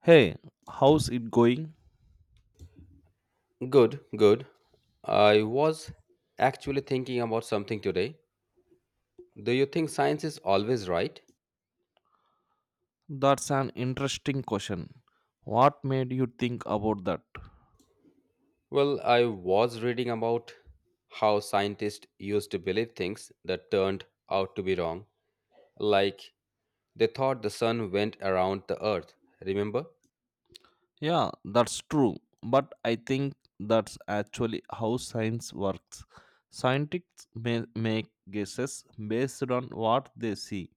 Hey, how's it going? Good, good. I was actually thinking about something today. Do you think science is always right? That's an interesting question. What made you think about that? Well, I was reading about how scientists used to believe things that turned out to be wrong, like they thought the sun went around the earth. Remember? Yeah, that's true. But I think that's actually how science works. Scientists may make guesses based on what they see,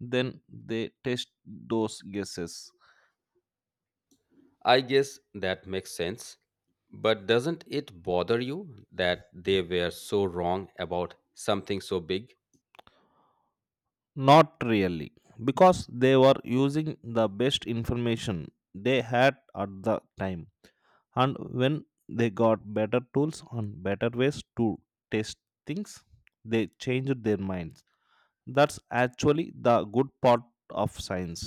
then they test those guesses. I guess that makes sense. But doesn't it bother you that they were so wrong about something so big? Not really, because they were using the best information they had at the time. And when they got better tools and better ways to test things, they changed their minds. That's actually the good part of science.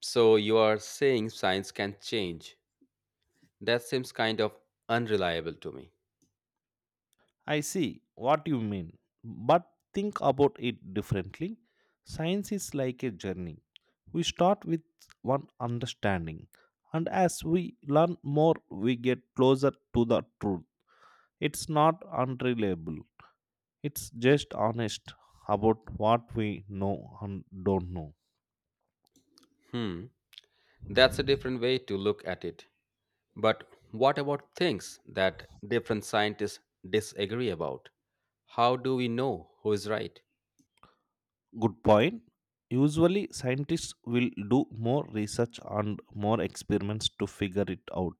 So you are saying science can change. That seems kind of unreliable to me. I see what you mean, but think about it differently. Science is like a journey. We start with one understanding, and as we learn more we get closer to the truth. It's not unreliable. It's just honest about what we know and don't know. Hmm, that's a different way to look at it. But what about things that different scientists disagree about? How do we know who is right? Good point. Usually, scientists will do more research and more experiments to figure it out.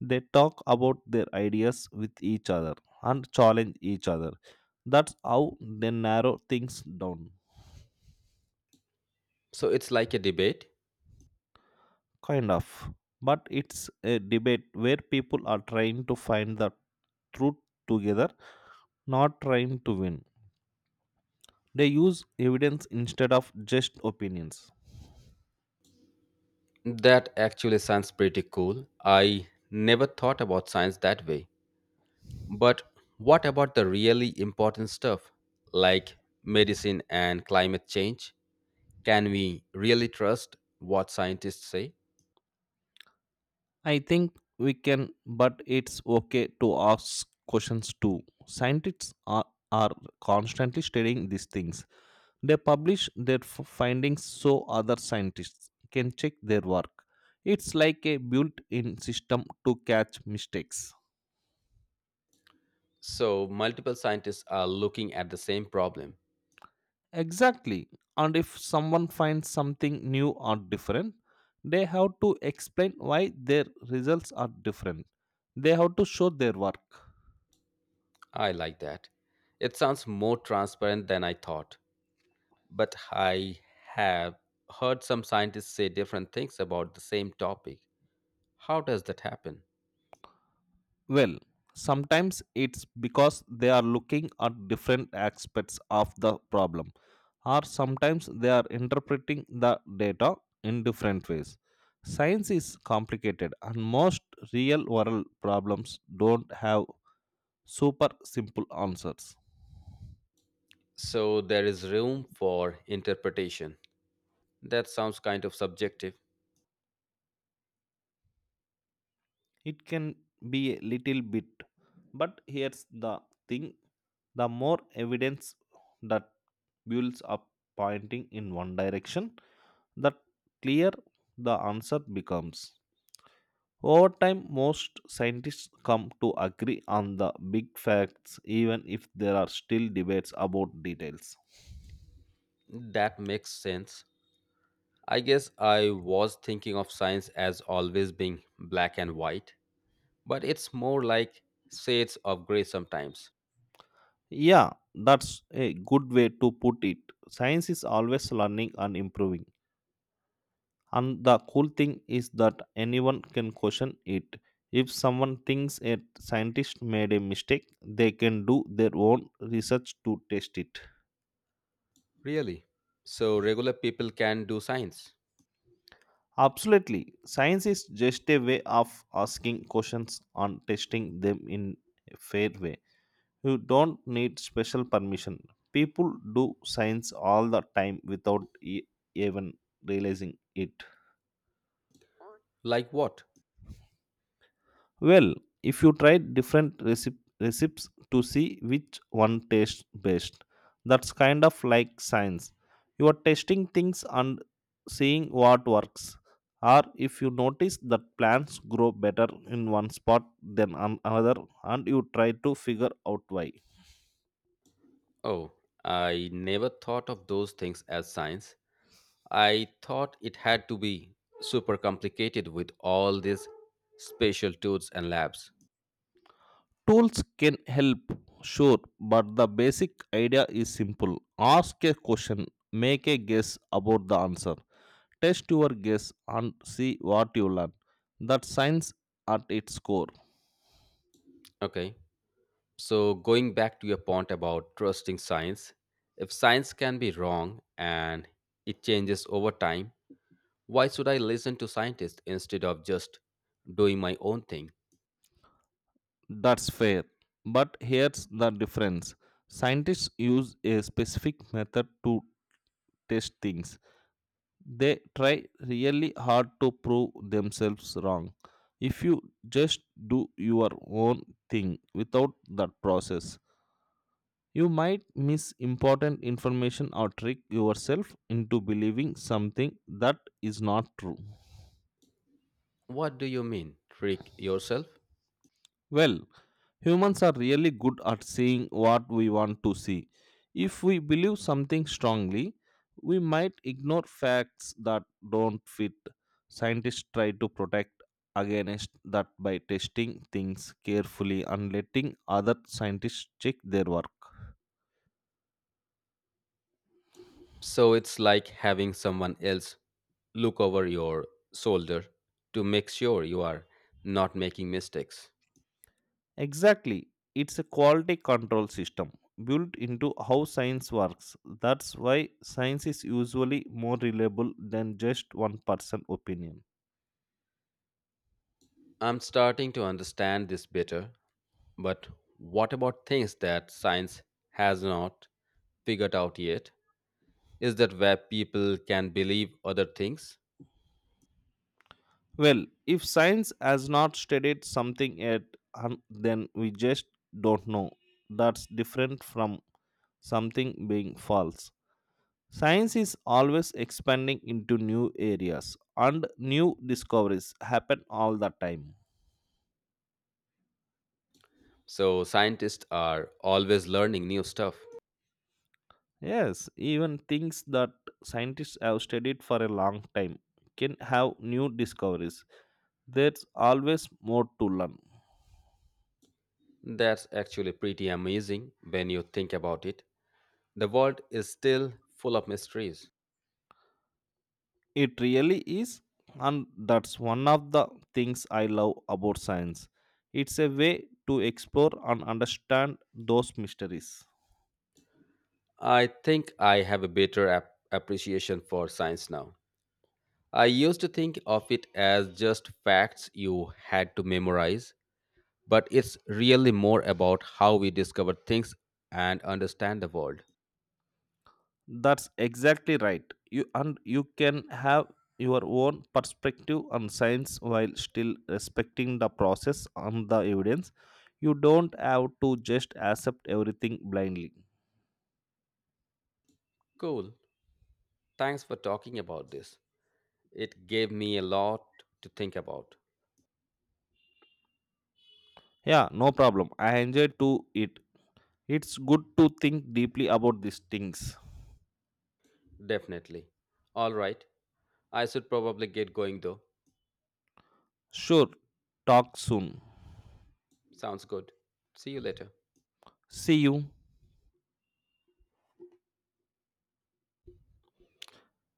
They talk about their ideas with each other and challenge each other. That's how they narrow things down, So it's like a debate. kind of. But it's a debate where people are trying to find the truth together, not trying to win. They use evidence instead of just opinions. That actually sounds pretty cool. I never thought about science that way. But what about the really important stuff like medicine and climate change? Can we really trust what scientists say? I think we can, but it's okay to ask questions too. Scientists are constantly studying these things. They publish their findings so other scientists can check their work. It's like a built in system to catch mistakes. So, multiple scientists are looking at the same problem. Exactly. And if someone finds something new or different, they have to explain why their results are different. They have to show their work. I like that. It sounds more transparent than I thought. But I have heard some scientists say different things about the same topic. How does that happen? Well, sometimes it's because they are looking at different aspects of the problem, or sometimes they are interpreting the data in different ways. Science is complicated, and most real world problems don't have super simple answers. So, there is room for interpretation. That sounds kind of subjective. It can be a little bit, but here's the thing: the more evidence that builds up pointing in one direction, the clear the answer becomes. Over time, most scientists come to agree on the big facts, even if there are still debates about details. That makes sense. I guess I was thinking of science as always being black and white, but it's more like shades of gray sometimes. Yeah, that's a good way to put it. Science is always learning and improving. And the cool thing is that anyone can question it. If someone thinks a scientist made a mistake, they can do their own research to test it. Really? So regular people can do science? Absolutely. Science is just a way of asking questions and testing them in a fair way. You don't need special permission. People do science all the time without even realizing it. Like what? Well, if you try different recipes to see which one tastes best, that's kind of like science. You are testing things and seeing what works. Or if you notice that plants grow better in one spot than another, and you try to figure out why. Oh, I never thought of those things as science. I thought it had to be super complicated with all these special tools and labs. Tools can help, sure, but the basic idea is simple. Ask a question, make a guess about the answer. Test your guess and see what you learn. That's science at its core. Okay, so going back to your point about trusting science, if science can be wrong and it changes over time, why should I listen to scientists instead of just doing my own thing? That's fair. But here's the difference: scientists use a specific method to test things, they try really hard to prove themselves wrong. If you just do your own thing without that process, you might miss important information or trick yourself into believing something that is not true. What do you mean? Trick yourself? Well, humans are really good at seeing what we want to see. If we believe something strongly, we might ignore facts that don't fit. Scientists try to protect against that by testing things carefully and letting other scientists check their work. So it's like having someone else look over your shoulder to make sure you are not making mistakes. Exactly. It's a quality control system built into how science works. That's why science is usually more reliable than just one person's opinion. I'm starting to understand this better, but what about things that science has not figured out yet? Is that where people can believe other things? Well, if science has not studied something yet, then we just don't know. That's different from something being false. Science is always expanding into new areas, and new discoveries happen all the time. So scientists are always learning new stuff. Yes, even things that scientists have studied for a long time can have new discoveries. There's always more to learn. That's actually pretty amazing when you think about it. The world is still full of mysteries. It really is, and that's one of the things I love about science. It's a way to explore and understand those mysteries. I think I have a better appreciation for science now. I used to think of it as just facts you had to memorize, but it's really more about how we discover things and understand the world. That's exactly right. You can have your own perspective on science while still respecting the process and the evidence. You don't have to just accept everything blindly. Cool. Thanks for talking about this. It gave me a lot to think about. Yeah, no problem. I enjoy to it. It's good to think deeply about these things. Definitely. All right. I should probably get going though. Sure, talk soon. Sounds good. See you later. See you.